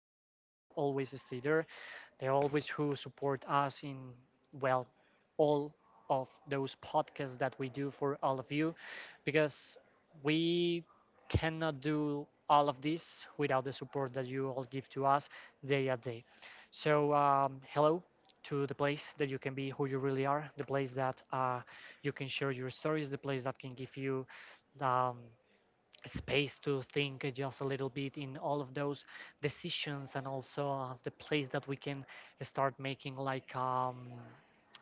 the ones who always stay there, the always who support us in, well, all of those podcasts that we do for all of you, because we cannot do all of this without the support that you all give to us day at day. So, hello to the place that you can be who you really are, the place that you can share your stories, the place that can give you um, space to think just a little bit in all of those decisions, and also the place that we can start making like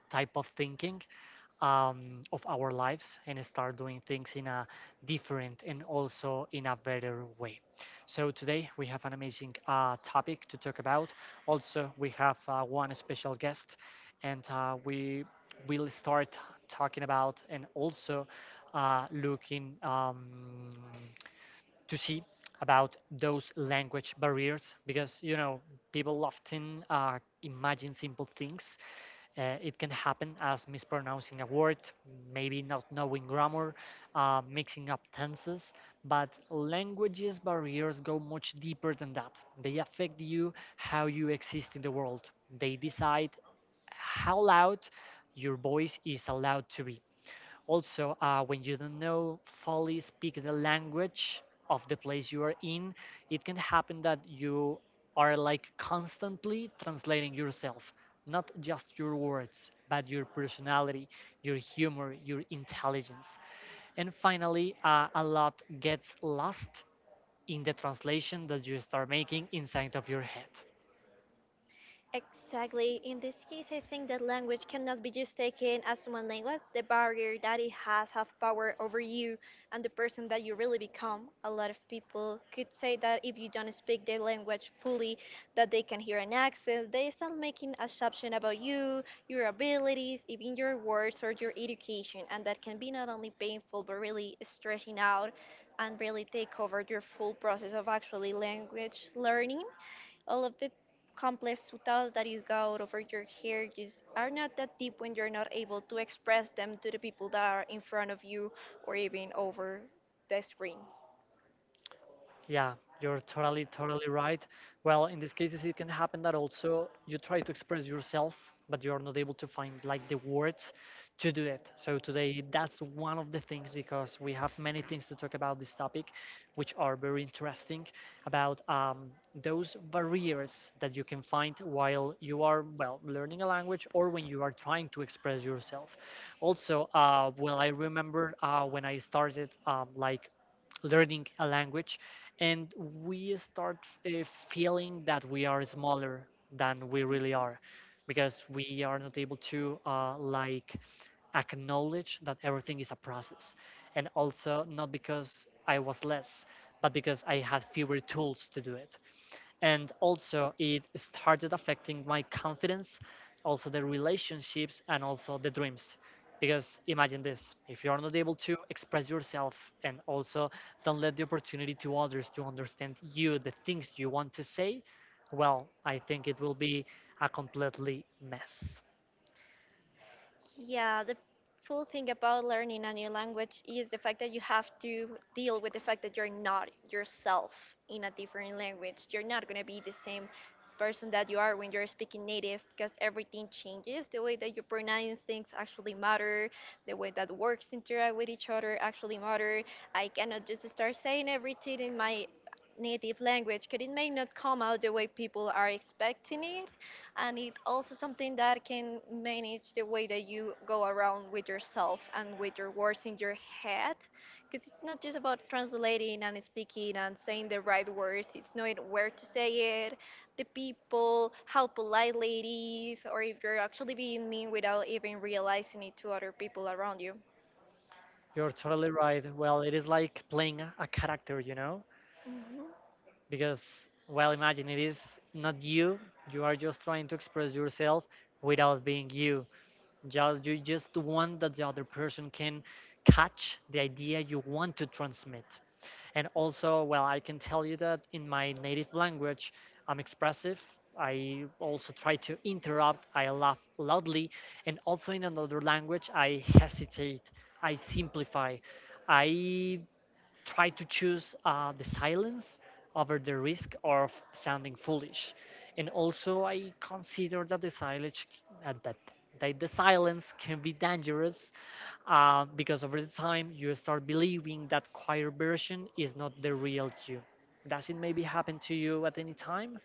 type of thinking of our lives and start doing things in a different and also in a better way. So today we have an amazing topic to talk about. Also, we have one special guest, and we will start talking about, and also looking to see about those language barriers, because you know people often imagine simple things. It can happen as mispronouncing a word, maybe not knowing grammar, mixing up tenses. But languages barriers go much deeper than that. They affect you how you exist in the world. They decide how loud your voice is allowed to be. Also, when you don't know fully speak the language of the place you are in, it can happen that you are like constantly translating yourself, not just your words, but your personality, your humor, your intelligence. And finally, a lot gets lost in the translation that you start making inside of your head. Exactly. In this case, I think that language cannot be just taken as one language. The barrier that it has have power over you and the person that you really become. A lot of people could say that if you don't speak the language fully, that they can hear an accent. They start making assumption about you, your abilities, even your words or your education, and that can be not only painful but really stressing out and really take over your full process of actually language learning. All of the complex thoughts that you got over your hair just are not that deep when you're not able to express them to the people that are in front of you or even over the screen. Yeah, you're totally right. Well, in these cases, it can happen that also you try to express yourself, but you're not able to find like the words to do it. So today, that's one of the things, because we have many things to talk about this topic, which are very interesting, about those barriers that you can find while you are, well, learning a language, or when you are trying to express yourself. Also, well, I remember when I started like learning a language, and we start uh, feeling that we are smaller than we really are, because we are not able to like acknowledge that everything is a process, and also not because I was less, but because I had fewer tools to do it. And also it started affecting my confidence, also the relationships, and also the dreams, because imagine this: if you're not able to express yourself, and also don't let the opportunity to others to understand you the things you want to say, well, I think it will be a completely mess. Yeah, the full thing about learning a new language is the fact that you have to deal with the fact that you're not yourself in a different language. You're not going to be the same person that you are when you're speaking native because everything changes. The way that you pronounce things actually matter. The way that words interact with each other actually matter. I cannot just start saying everything in my native language because it may not come out the way people are expecting it, and it also something that can manage the way that you go around with yourself and with your words in your head because it's not just about translating and speaking and saying the right words. It's knowing where to say it, the people, how politely it is, or if you're actually being mean without even realizing it to other people around you. You're totally right. Well, it is like playing a character, you know, Mhm. because, well, imagine it is not you. You are just trying to express yourself without being you. Just you just want that the other person can catch the idea you want to transmit. And also, well, I can tell you that in my native language, I'm expressive. I also try to interrupt. I laugh loudly. And also in another language, I hesitate. I simplify. I try to choose the silence over the risk of sounding foolish. And also, I consider that the silence, that the silence can be dangerous, because over the time you start believing that choir version is not the real you. Does it maybe happen to you at any time?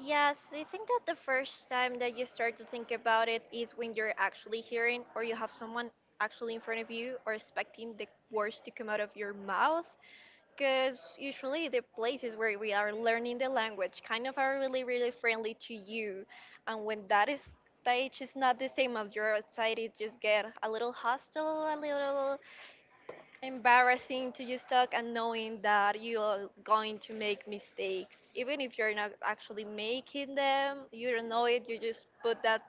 Yes, I think that the first time that you start to think about it is when you're actually hearing or you have someone actually in front of you or expecting the words to come out of your mouth. Because usually the places where we are learning the language kind of are really, really friendly to you. And when that is stage is not the same as you're outside, it just get a little hostile, a little embarrassing to just talk and knowing that you're going to make mistakes even if you're not actually making them. You don't know it, you just put that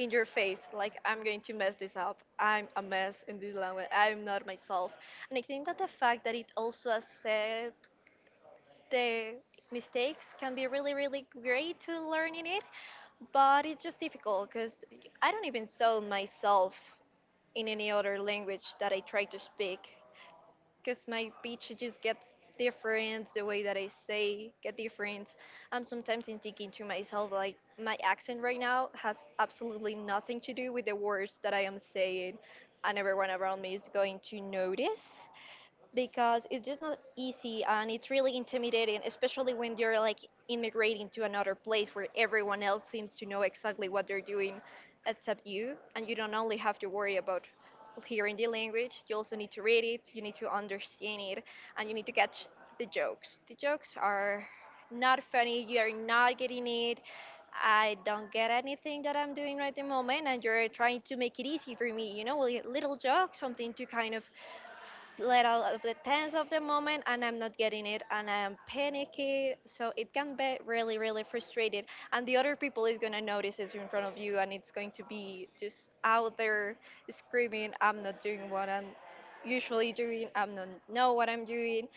in your face like, I'm going to mess this up. I'm a mess in this language. I'm not myself. And I think that the fact that it also accepts the mistakes can be really, really great to learning it, but it's just difficult because I don't even sell myself in any other language that I try to speak because my pitch just gets different, the way that I say get different. I'm sometimes thinking to myself like, my accent right now has absolutely nothing to do with the words that I am saying, and everyone around me is going to notice because it's just not easy, and it's really intimidating, especially when you're like immigrating to another place where everyone else seems to know exactly what they're doing except you. And you don't only have to worry about hearing the language, you also need to read it, you need to understand it, and you need to catch the jokes. The jokes are not funny, you're not getting it. I don't get anything that I'm doing right at the moment, and you're trying to make it easy for me, with little joke, something to kind of let out of the tense of the moment, and I'm not getting it, and I'm panicky. So it can be really, really frustrated. And the other people is gonna notice, it's in front of you, and it's going to be just out there screaming, I'm not doing what I'm usually doing, I'm not know what I'm doing.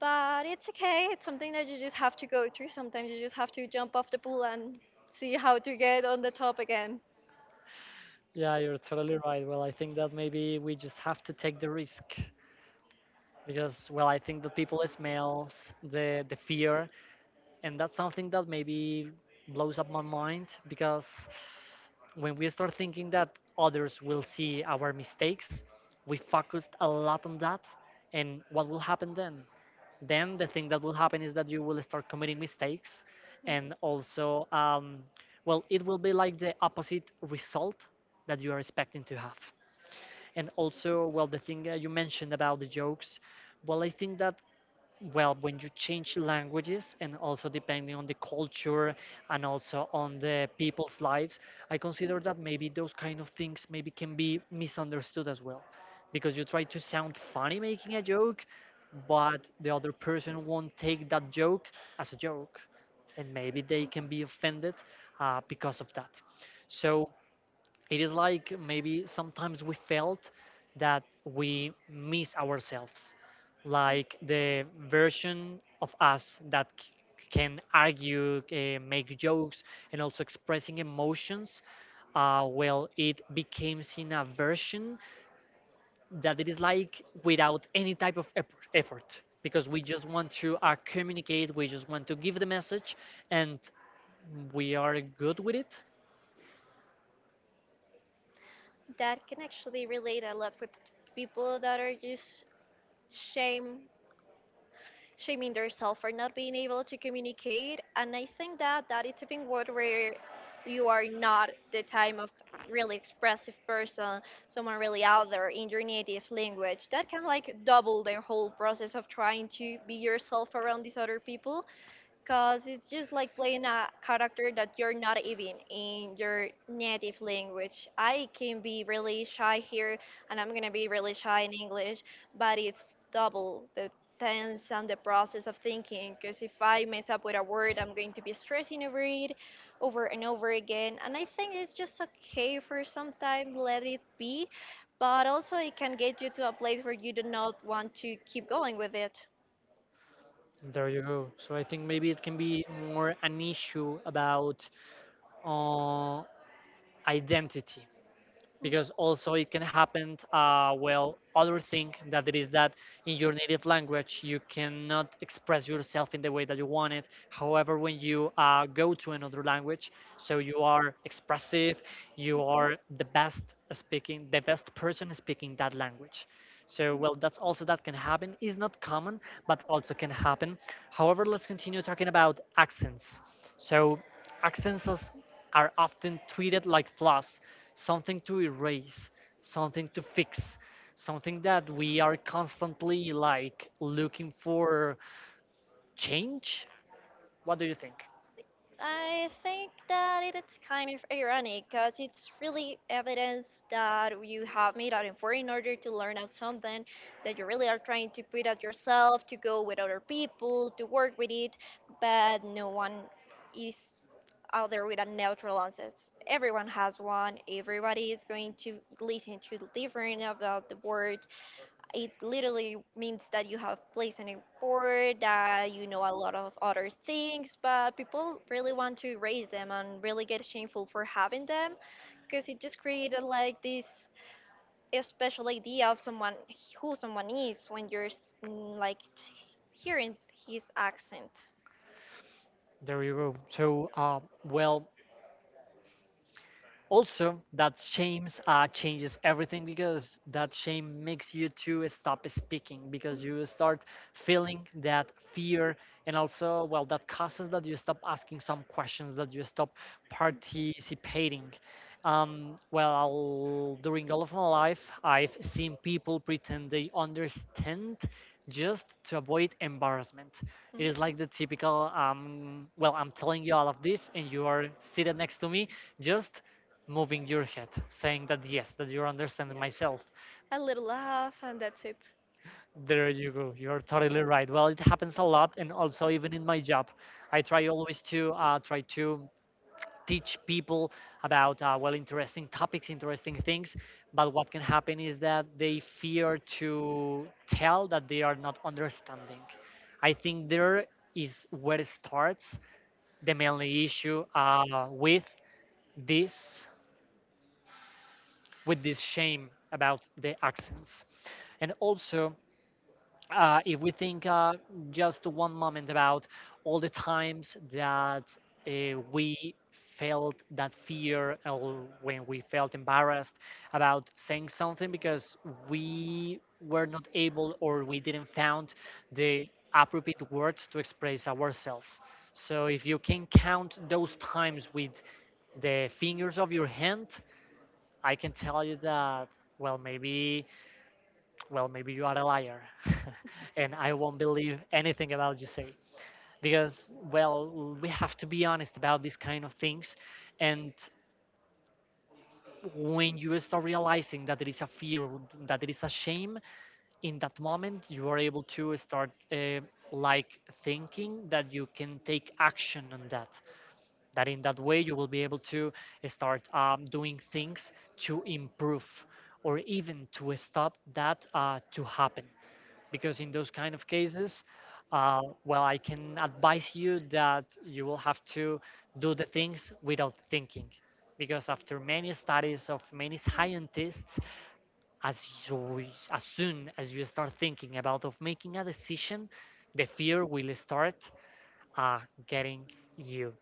But it's okay, it's something that you just have to go through. Sometimes you just have to jump off the pool and see how to get on the top again. Yeah, you're totally right. Well, I think that maybe we just have to take the risk, because, well, I think that people smells the fear, and that's something that maybe blows up my mind, because when we start thinking that others will see our mistakes, we focused a lot on that. And what will happen then? Then the thing that will happen is that you will start committing mistakes, and also well, it will be like the opposite result that you are expecting to have. And also, well, the thing you mentioned about the jokes, well, I think that, well, when you change languages, and also depending on the culture and also on the people's lives, I consider that maybe those kind of things maybe can be misunderstood as well, because you try to sound funny making a joke, but the other person won't take that joke as a joke, and maybe they can be offended because of that. So it is like maybe sometimes we felt that we miss ourselves, like the version of us that can argue, make jokes, and also expressing emotions, well, it becomes in a version that it is like without any type of effort, because we just want to communicate, we just want to give the message, and we are good with it. That can actually relate a lot with people that are just shame shaming themselves for not being able to communicate. And I think that it's a thing word where you are not the type of really expressive person, someone really out there in your native language. That can like double the whole process of trying to be yourself around these other people because it's just like playing a character that you're not even in your native language. I can be really shy here, and I'm gonna be really shy in English, but it's double the tense and the process of thinking. Because if I mess up with a word, I'm going to be stressing over it over and over again. And I think it's just okay for some time, let it be, but also it can get you to a place where you do not want to keep going with it. There you go. So I think maybe it can be more an issue about uh, identity, because also it can happen, well, other thing that it is that in your native language you cannot express yourself in the way that you want it. However, when you go to another language, so you are expressive, you are the best speaking, the best person speaking that language. So, well, that's also that can happen, is not common, but also can happen. However, let's continue talking about accents. So, accents are often treated like flaws, something to erase, something to fix, something that we are constantly like looking for change. What do you think? I think that it's kind of ironic because it's really evidence that you have made an effort in order to learn out something that you really are trying to put out yourself, to go with other people, to work with it, but no one is out there with a neutral answer. Everyone has one. Everybody is going to listen to different about the word. It literally means that you have placed an effort, that you know a lot of other things, but people really want to erase them and really get shameful for having them because it just created like this special idea of someone who someone is when you're like hearing his accent. There you go. So, well, also that shame changes everything, because that shame makes you to stop speaking, because you start feeling that fear. And also, well, that causes that you stop asking some questions, that you stop participating. Um, well, during all of my life, I've seen people pretend they understand just to avoid embarrassment. It Mhm. is like the typical, well, I'm telling you all of this, and you are seated next to me, just moving your head, saying that yes, that you're understanding Yeah. myself. A little laugh and that's it. There you go. You're totally right. Well, it happens a lot, and also even in my job, I try always to try to teach people about well, interesting topics, interesting things. But what can happen is that they fear to tell that they are not understanding. I think there is where it starts, the mainly issue with this, with this shame about the accents. And also, if we think just one moment about all the times that we felt that fear, or when we felt embarrassed about saying something because we were not able, or we didn't found the appropriate words to express ourselves, so if you can count those times with the fingers of your hand, I can tell you that, well, maybe, well, maybe you are a liar, and I won't believe anything about you say. Because, well, we have to be honest about these kind of things. And when you start realizing that there is a fear, that there is a shame, in that moment, you are able to start like thinking that you can take action on that, that in that way you will be able to start doing things to improve, or even to stop that to happen. Because in those kind of cases, well, I can advise you that you will have to do the things without thinking, because after many studies of many Um, scientists, as you, as soon as you start thinking about of making a decision, the fear will start uh, getting you.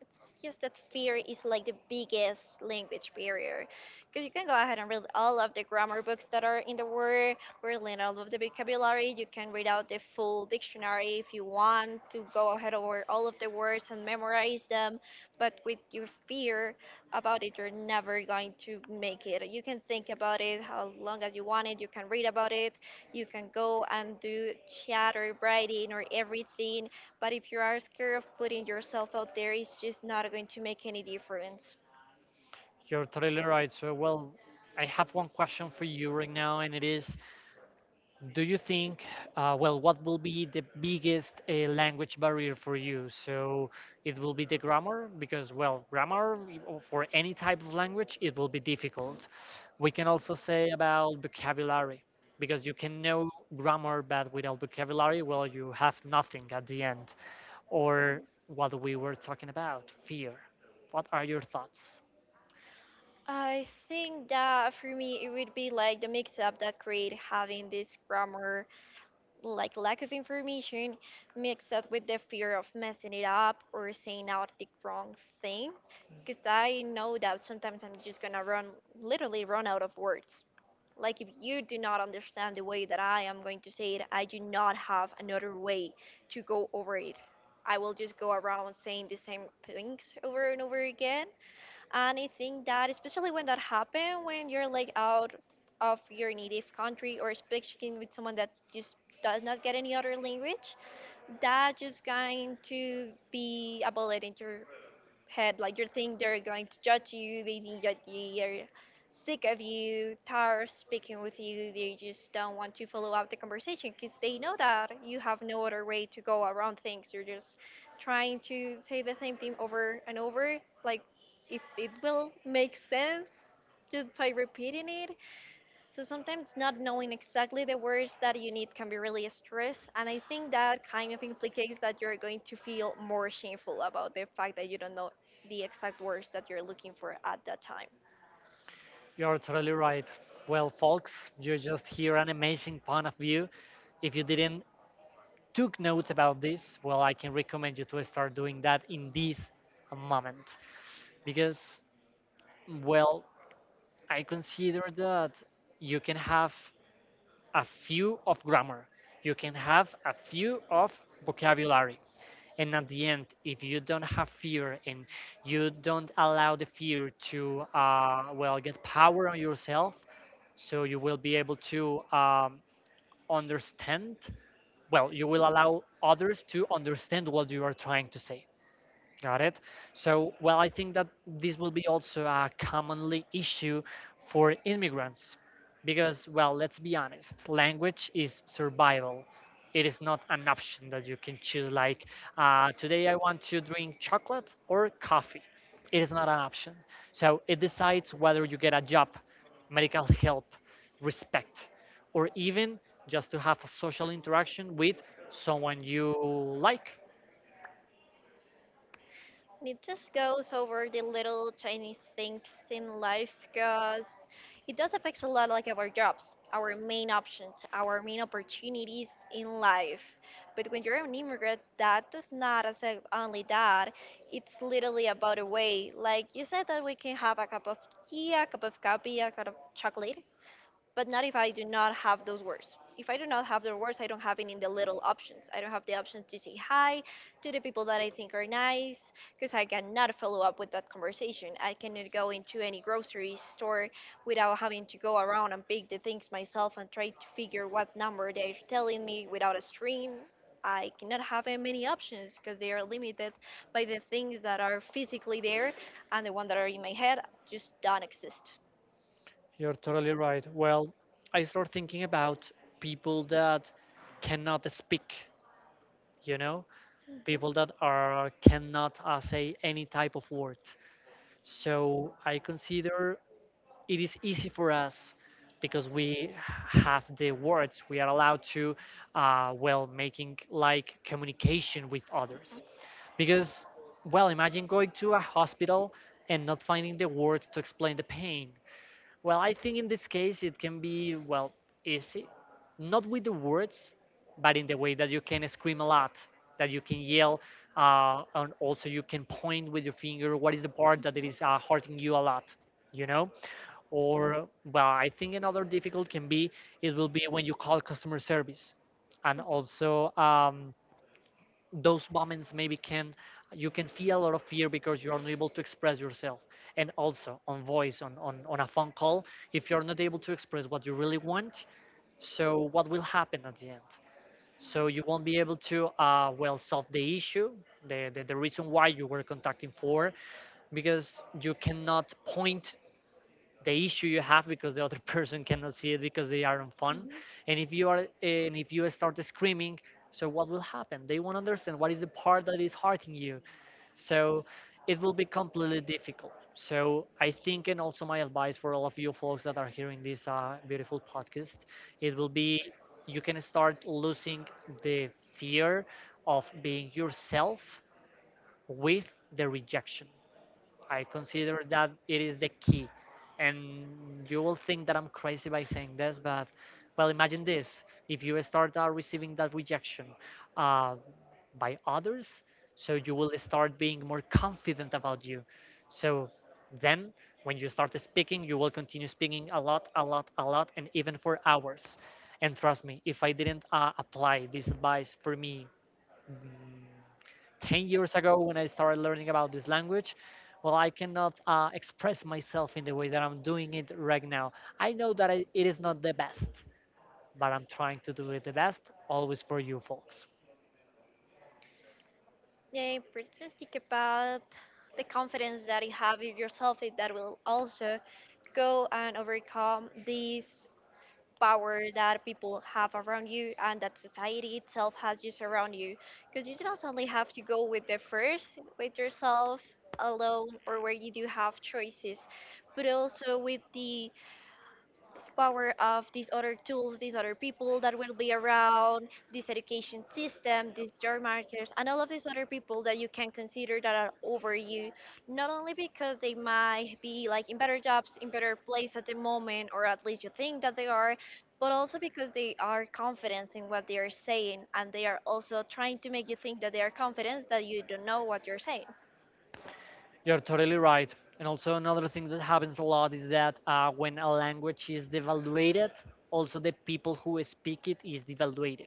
It's just that fear is like the biggest language barrier. Because you can go ahead and read all of the grammar books that are in the world, or learn all of the vocabulary. You can read out the full dictionary if you want to go ahead over all of the words and memorize them. But with your fear about it, you're never going to make it. You can think about it how long as you want it. You can read about it. You can go and do chatter writing or everything. But if you are scared of putting yourself out there, it's just not going to make any difference. You're totally right. So, well, I have one question for you right now, and it is: Do you think, well, what will be the biggest language barrier for you? So, it will be the grammar, because, well, grammar or for any type of language, it will be difficult. We can also say about vocabulary, because you can know grammar, but without vocabulary, well, you have nothing at the end. Or what we were talking about, fear. What are your thoughts? I think that for me, it would be like the mix up that create having this grammar, like lack of information, mixed up with the fear of messing it up or saying out the wrong thing. Because I know that sometimes I'm just gonna run, literally run out of words. Like, if you do not understand the way that I am going to say it, I do not have another way to go over it. I will just go around saying the same things over and over again. And I think that, especially when that happens, when you're like out of your native country or speaking with someone that just does not get any other language, that just going to be a bullet into head. Like you think they're going to judge you. They think that you're sick of you, tired of speaking with you. They just don't want to follow up the conversation because they know that you have no other way to go around things. You're just trying to say the same thing over and over. Like if it will make sense just by repeating it. So sometimes not knowing exactly the words that you need can be really stress, and I think that kind of implicates that you're going to feel more shameful about the fact that you don't know the exact words that you're looking for at that time. You're totally right. Well, folks, you just hear an amazing point of view. If you didn't took notes about this, well, I can recommend you to start doing that in this moment, because, well, I consider that you can have a few of grammar, you can have a few of vocabulary, and at the end, if you don't have fear, and you don't allow the fear to well, get power on yourself, so you will be able to understand, well, you will allow others to understand what you are trying to say. Got it. So, well, I think that this will be also a commonly issue for immigrants, because, well, let's be honest, language is survival. It is not an option that you can choose, like, today I want to drink chocolate or coffee. It is not an option. So, it decides whether you get a job, medical help, respect, or even just to have a social interaction with someone you like. And it just goes over the little tiny things in life because it does affect a lot like our jobs, our main options, our main opportunities in life. But when you're an immigrant, that does not affect only that. It's literally about a way. Like you said that we can have a cup of tea, a cup of coffee, a cup of chocolate, but not if I do not have those words. If I do not have the words, I don't have any in the little options. I don't have the options to say hi to the people that I think are nice because I cannot follow up with that conversation. I cannot go into any grocery store without having to go around and pick the things myself and try to figure what number they're telling me without a screen. I cannot have many options because they are limited by the things that are physically there and the ones that are in my head just don't exist. You're totally right. Well, I start thinking about people that cannot speak, you know, Mhm. people that are cannot say any type of word. So I consider it is easy for us because we have the words. We are allowed to, well, making like communication with others. Mhm. Because, well, imagine going to a hospital and not finding the word to explain the pain. Well, I think in this case it can be, well, easy. Not with the words, but in the way that you can scream a lot, that you can yell, and also you can point with your finger what is the part that it is hurting you a lot, you know? Or, well, I think another difficult can be it will be when you call customer service. And also, those moments maybe can you can feel a lot of fear because you're unable to express yourself, and also on voice on a phone call, if you're not able to express what you really want, so what will happen at the end, so you won't be able to well, solve the issue, the reason why you were contacting for, because you cannot point the issue you have because the other person cannot see it because they are on phone. Mhm. And if you are, and if you start screaming, so what will happen, they won't understand what is the part that is hurting you. So it will be completely difficult. So I think, and also my advice for all of you folks that are hearing this beautiful podcast, it will be you can start losing the fear of being yourself with the rejection. I consider that it is the key. And you will think that I'm crazy by saying this, but well, imagine this: if you start receiving that rejection uh, by others, so you will start being more confident about you. So then, when you start speaking, you will continue speaking a lot, a lot, a lot, and even for hours. And trust me, if I didn't apply this advice for me mm, 10 years ago when I started learning about this language, well, I cannot express myself in the way that I'm doing it right now. I know that it is not the best, but I'm trying to do it the best, always for you folks. Yeah, pretty much think about the confidence that you have in yourself and that will also go and overcome this power that people have around you and that society itself has just around you. Because you do not only have to go with the first, with yourself alone or where you do have choices, but also with the power of these other tools, these other people that will be around, this education system, these job markets, and all of these other people that you can consider that are over you, not only because they might be like in better jobs, in better place at the moment, or at least you think that they are, but also because they are confident in what they are saying, and they are also trying to make you think that they are confident that you don't know what you're saying. You're totally right. And also, another thing that happens a lot is that when a language is devaluated, also the people who speak it is devaluated,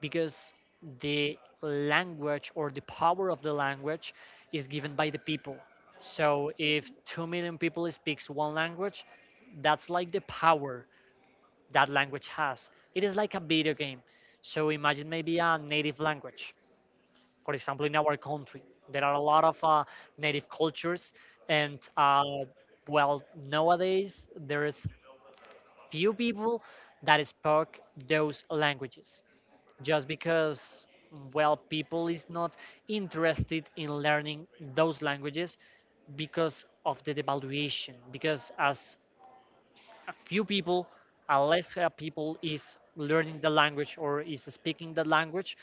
because the language or the power of the language is given by the people. So if 2 million people speaks one language, that's like the power that language has. It is like a video game. So imagine maybe a native language. For example, in our country, there are a lot of native cultures, and well, nowadays there's few people that spoke those languages just because, well, people is not interested in learning those languages because of the devaluation, because as few people, unless people is learning the language or is speaking the language,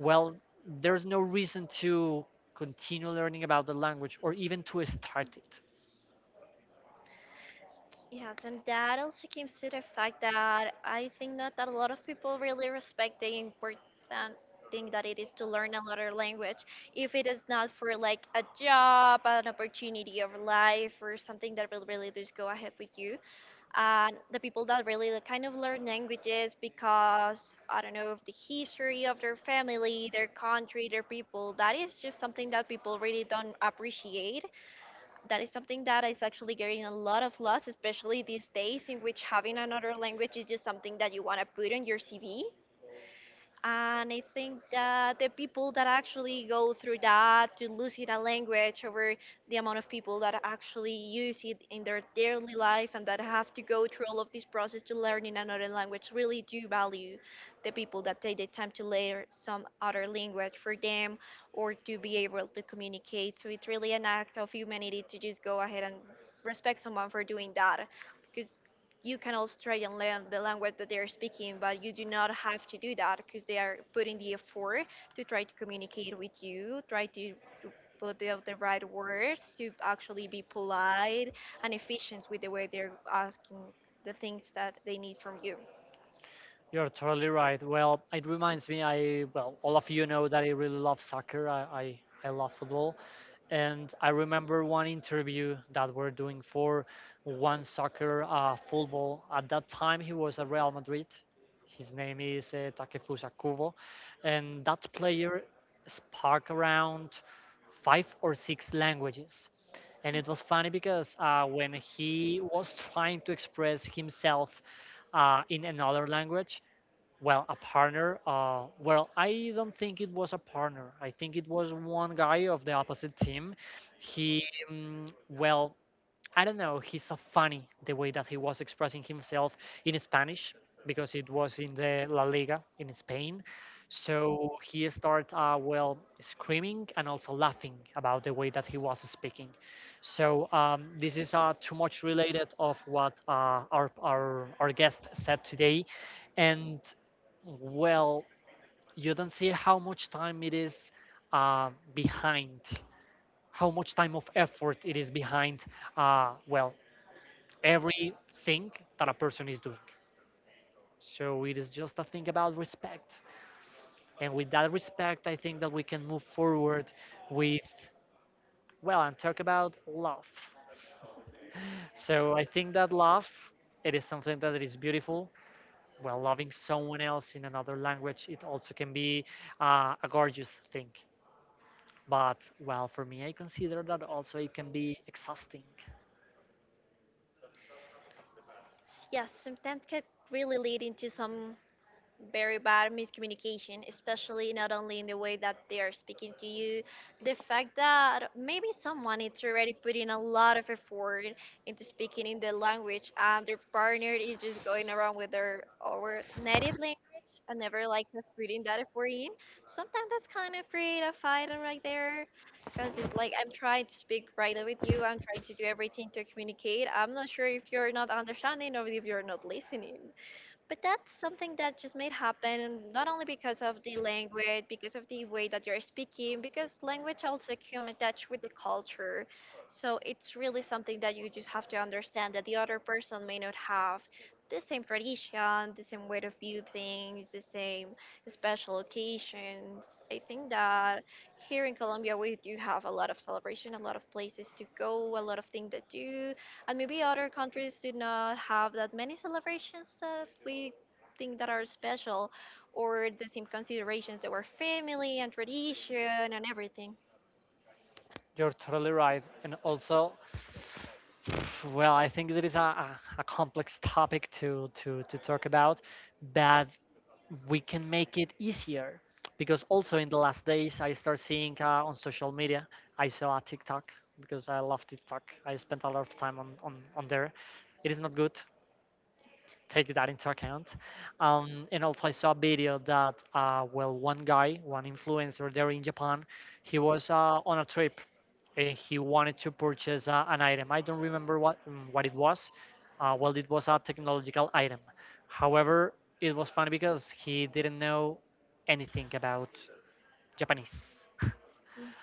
well, there's no reason to continue learning about the language or even to start it. Yes, and that also comes to the fact that I think that a lot of people really respect the important thing that it is to learn another language. If it is not for like a job, an opportunity of life, or something that will really just go ahead with you, and the people that really like, kind of learn languages because I don't know, of the history of their family, their country, their people, that is just something that people really don't appreciate, that is something that is actually getting a lot of loss, especially these days in which having another language is just something that you want to put on your CV. And I think that the people that actually go through that, to losing a language over the amount of people that actually use it in their daily life, and that have to go through all of this process to learning another language, really do value the people that take the time to learn some other language for them or to be able to communicate. So it's really an act of humanity to just go ahead and respect someone for doing that, because you can also try and learn the language that they're speaking, but you do not have to do that because they are putting the effort to try to communicate with you, try to put out the right words, to actually be polite and efficient with the way they're asking the things that they need from you. You're totally right. Well, it reminds me. I Well, all of you know that I really love soccer. I love football, and I remember one interview that we're doing for one soccer football. At that time, he was at Real Madrid. His name is Takefusa Kubo, and that player spoke around five or six languages. And it was funny because when he was trying to express himself in another language, well, a partner. Well, I don't think it was a partner. I think it was one guy of the opposite team. He, well, I don't know, he's so funny the way that he was expressing himself in Spanish because it was in the La Liga in Spain. So he started, well, screaming and also laughing about the way that he was speaking. So this is too much related of what our guest said today. And well, you don't see how much time it is behind, how much time of effort it is behind, well, everything that a person is doing. So it is just a thing about respect. And with that respect, I think that we can move forward with, well, and talk about love. So I think that love, it is something that it is beautiful. Well, loving someone else in another language, it also can be a gorgeous thing. But, well, for me, I consider that also it can be exhausting. Yes, sometimes can really lead into some very bad miscommunication, especially not only in the way that they are speaking to you, the fact that maybe someone is already putting a lot of effort into speaking in the language and their partner is just going around with their our native language and never like was putting that effort in. Sometimes that's kind of create a fight right there. Because it's like, I'm trying to speak right with you, I'm trying to do everything to communicate. I'm not sure if you're not understanding or if you're not listening. But that's something that just may happen, not only because of the language, because of the way that you're speaking, because language also can attach with the culture. So it's really something that you just have to understand, that the other person may not have the same tradition, the same way to view things, the same special occasions. I think that here in Colombia we do have a lot of celebration, a lot of places to go, a lot of things to do, and maybe other countries do not have that many celebrations that we think that are special, or the same considerations that were family and tradition and everything. You're totally right. And also, well, I think that is a complex topic to talk about, but we can make it easier because also in the last days I start seeing on social media, I saw a TikTok because I love TikTok. I spent a lot of time on there. It is not good, take that into account. And also, I saw a video that, well, one guy, one influencer there in Japan, he was on a trip and he wanted to purchase an item. I don't remember what it was. Well, it was a technological item. However, it was funny because he didn't know anything about Japanese. Mm.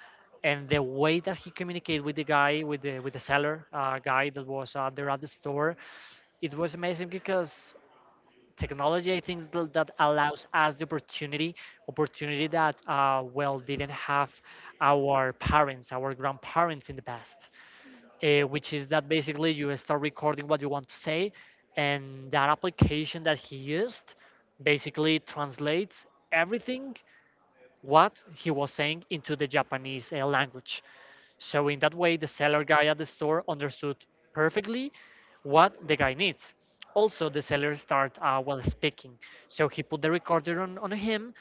And the way that he communicated with the guy, with the seller guy that was there at the store, it was amazing because technology, I think, that allows us the opportunity that well didn't have our parents, our grandparents in the past, which is that basically you start recording what you want to say, and that application that he used basically translates everything what he was saying into the Japanese language. So in that way, the seller guy at the store understood perfectly what the guy needs. Also, the seller started well, speaking. So he put the recorder on him,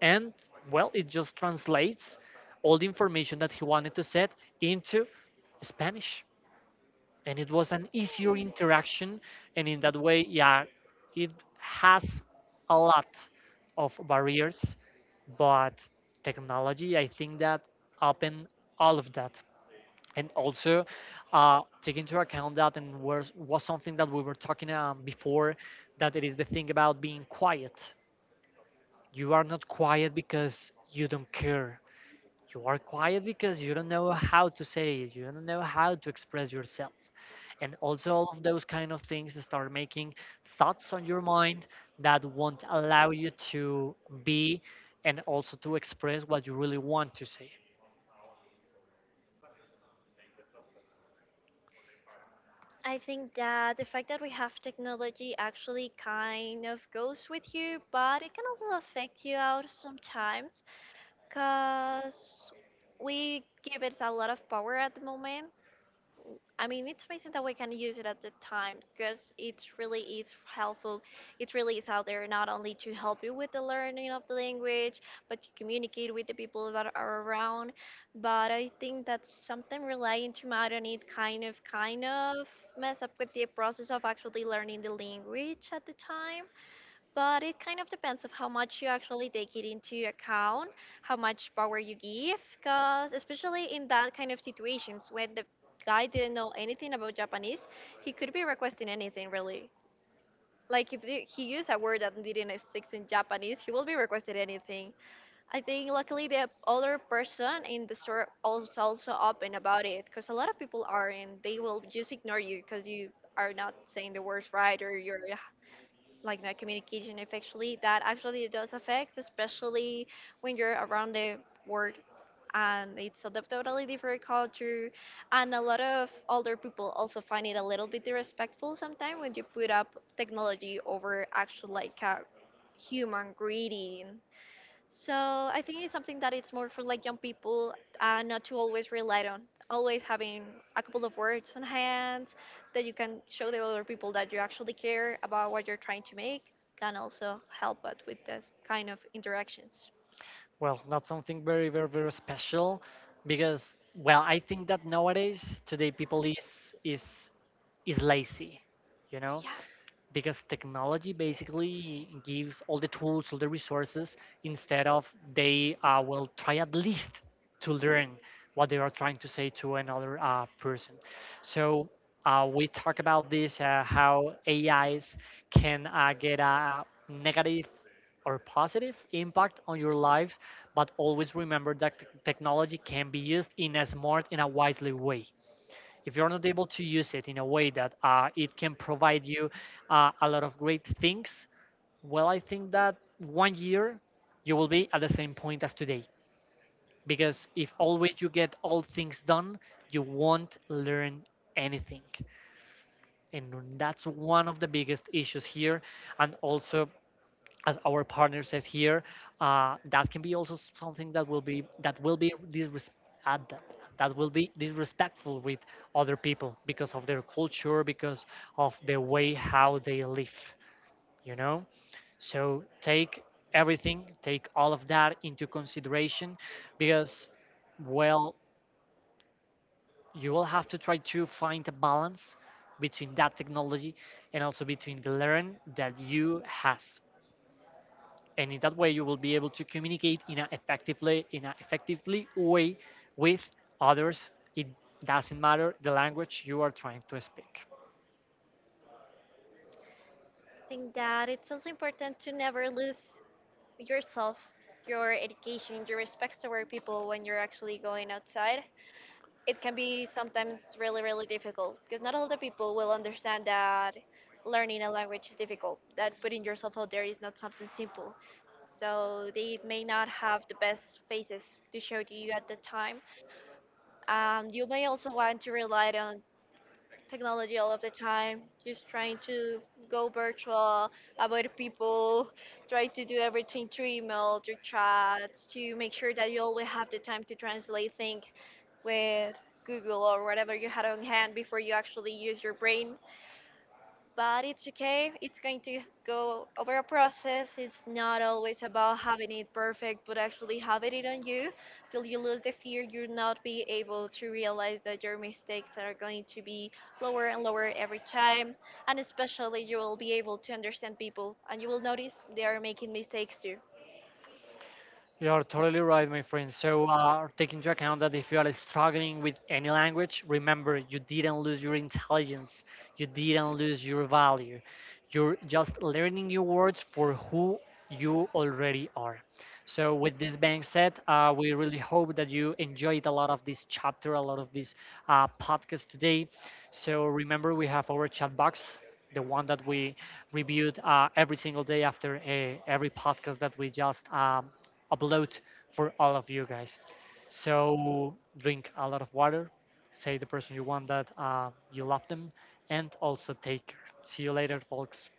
and well, it just translates all the information that he wanted to set into Spanish. And it was an easier interaction. And in that way, yeah, it has a lot of barriers, but technology, I think that opened all of that. And also, take into account that, and was something that we were talking before, that it is the thing about being quiet. You are not quiet because you don't care, you are quiet because you don't know how to say it, you don't know how to express yourself. And also all of those kind of things start making thoughts on your mind that won't allow you to be and also to express what you really want to say. I think that the fact that we have technology actually kind of goes with you, but it can also affect you out sometimes, because we give it a lot of power at the moment. I mean, it's amazing that we can use it at the time because it really is helpful. It really is out there, not only to help you with the learning of the language, but to communicate with the people that are around. But I think that sometimes relying too much on it kind of mess up with the process of actually learning the language at the time, but it kind of depends of how much you actually take it into account, how much power you give, because especially in that kind of situations, when the guy didn't know anything about Japanese, he could be requesting anything really. Like if he used a word that didn't exist in Japanese, he will be requesting anything. I think luckily the other person in the store was also open about it, because a lot of people are, and they will just ignore you because you are not saying the words right, or you like that communication effectively, that actually does affect, especially when you're around the world and it's a totally different culture. And a lot of older people also find it a little bit disrespectful sometimes when you put up technology over actual like a human greeting. So I think it's something that it's more for like young people, not to always rely on. Always having a couple of words on hand that you can show the other people that you actually care about what you're trying to make, can also help out with this kind of interactions. Well, not something very, very, very special, because, well, I think that nowadays today people is lazy, you know Yeah, I because technology basically gives all the tools, all the resources, instead of they will try at least to learn what they are trying to say to another person. So we talk about this, how AIs can get a negative or positive impact on your lives, but always remember that technology can be used in a smart and a wisely way. If you're not able to use it in a way that it can provide you a lot of great things, well, I think that one year you will be at the same point as today. Because if always you get all things done, you won't learn anything. And that's one of the biggest issues here. And also, as our partner said here, that can be also something that will be uh, that that will be disrespectful with other people because of their culture, because of the way how they live. You know, so take everything, take all of that into consideration, because, well, you will have to try to find a balance between that technology and also between the learn that you has. And in that way you will be able to communicate in an effectively way with others. It doesn't matter the language you are trying to speak. think that it's also important to never lose yourself, your education, your respect toward people when you're actually going outside. It can be sometimes really, really difficult, because not all the people will understand that learning a language is difficult, that putting yourself out there is not something simple. So they may not have the best faces to show to you at the time. You may also want to rely on technology all of the time, just trying to go virtual, avoid people, try to do everything through email, through chats, to make sure that you always have the time to translate things with Google or whatever you had on hand before you actually use your brain. But it's okay. It's going to go over a process. It's not always about having it perfect, but actually having it on you till you lose the fear. You'll not be able to realize that your mistakes are going to be lower and lower every time, and especially you will be able to understand people, and you will notice they are making mistakes too. You're totally right, my friend. So, take into account that if you are struggling with any language, remember you didn't lose your intelligence, you didn't lose your value. You're just learning new words for who you already are. So, with this being said, we really hope that you enjoyed a lot of this chapter, a lot of this podcast today. So, remember we have our chat box. The one that we reviewed every single day after every podcast that we just upload for all of you guys. So drink a lot of water, say the person you want that you love them, and also take care. See you later, folks.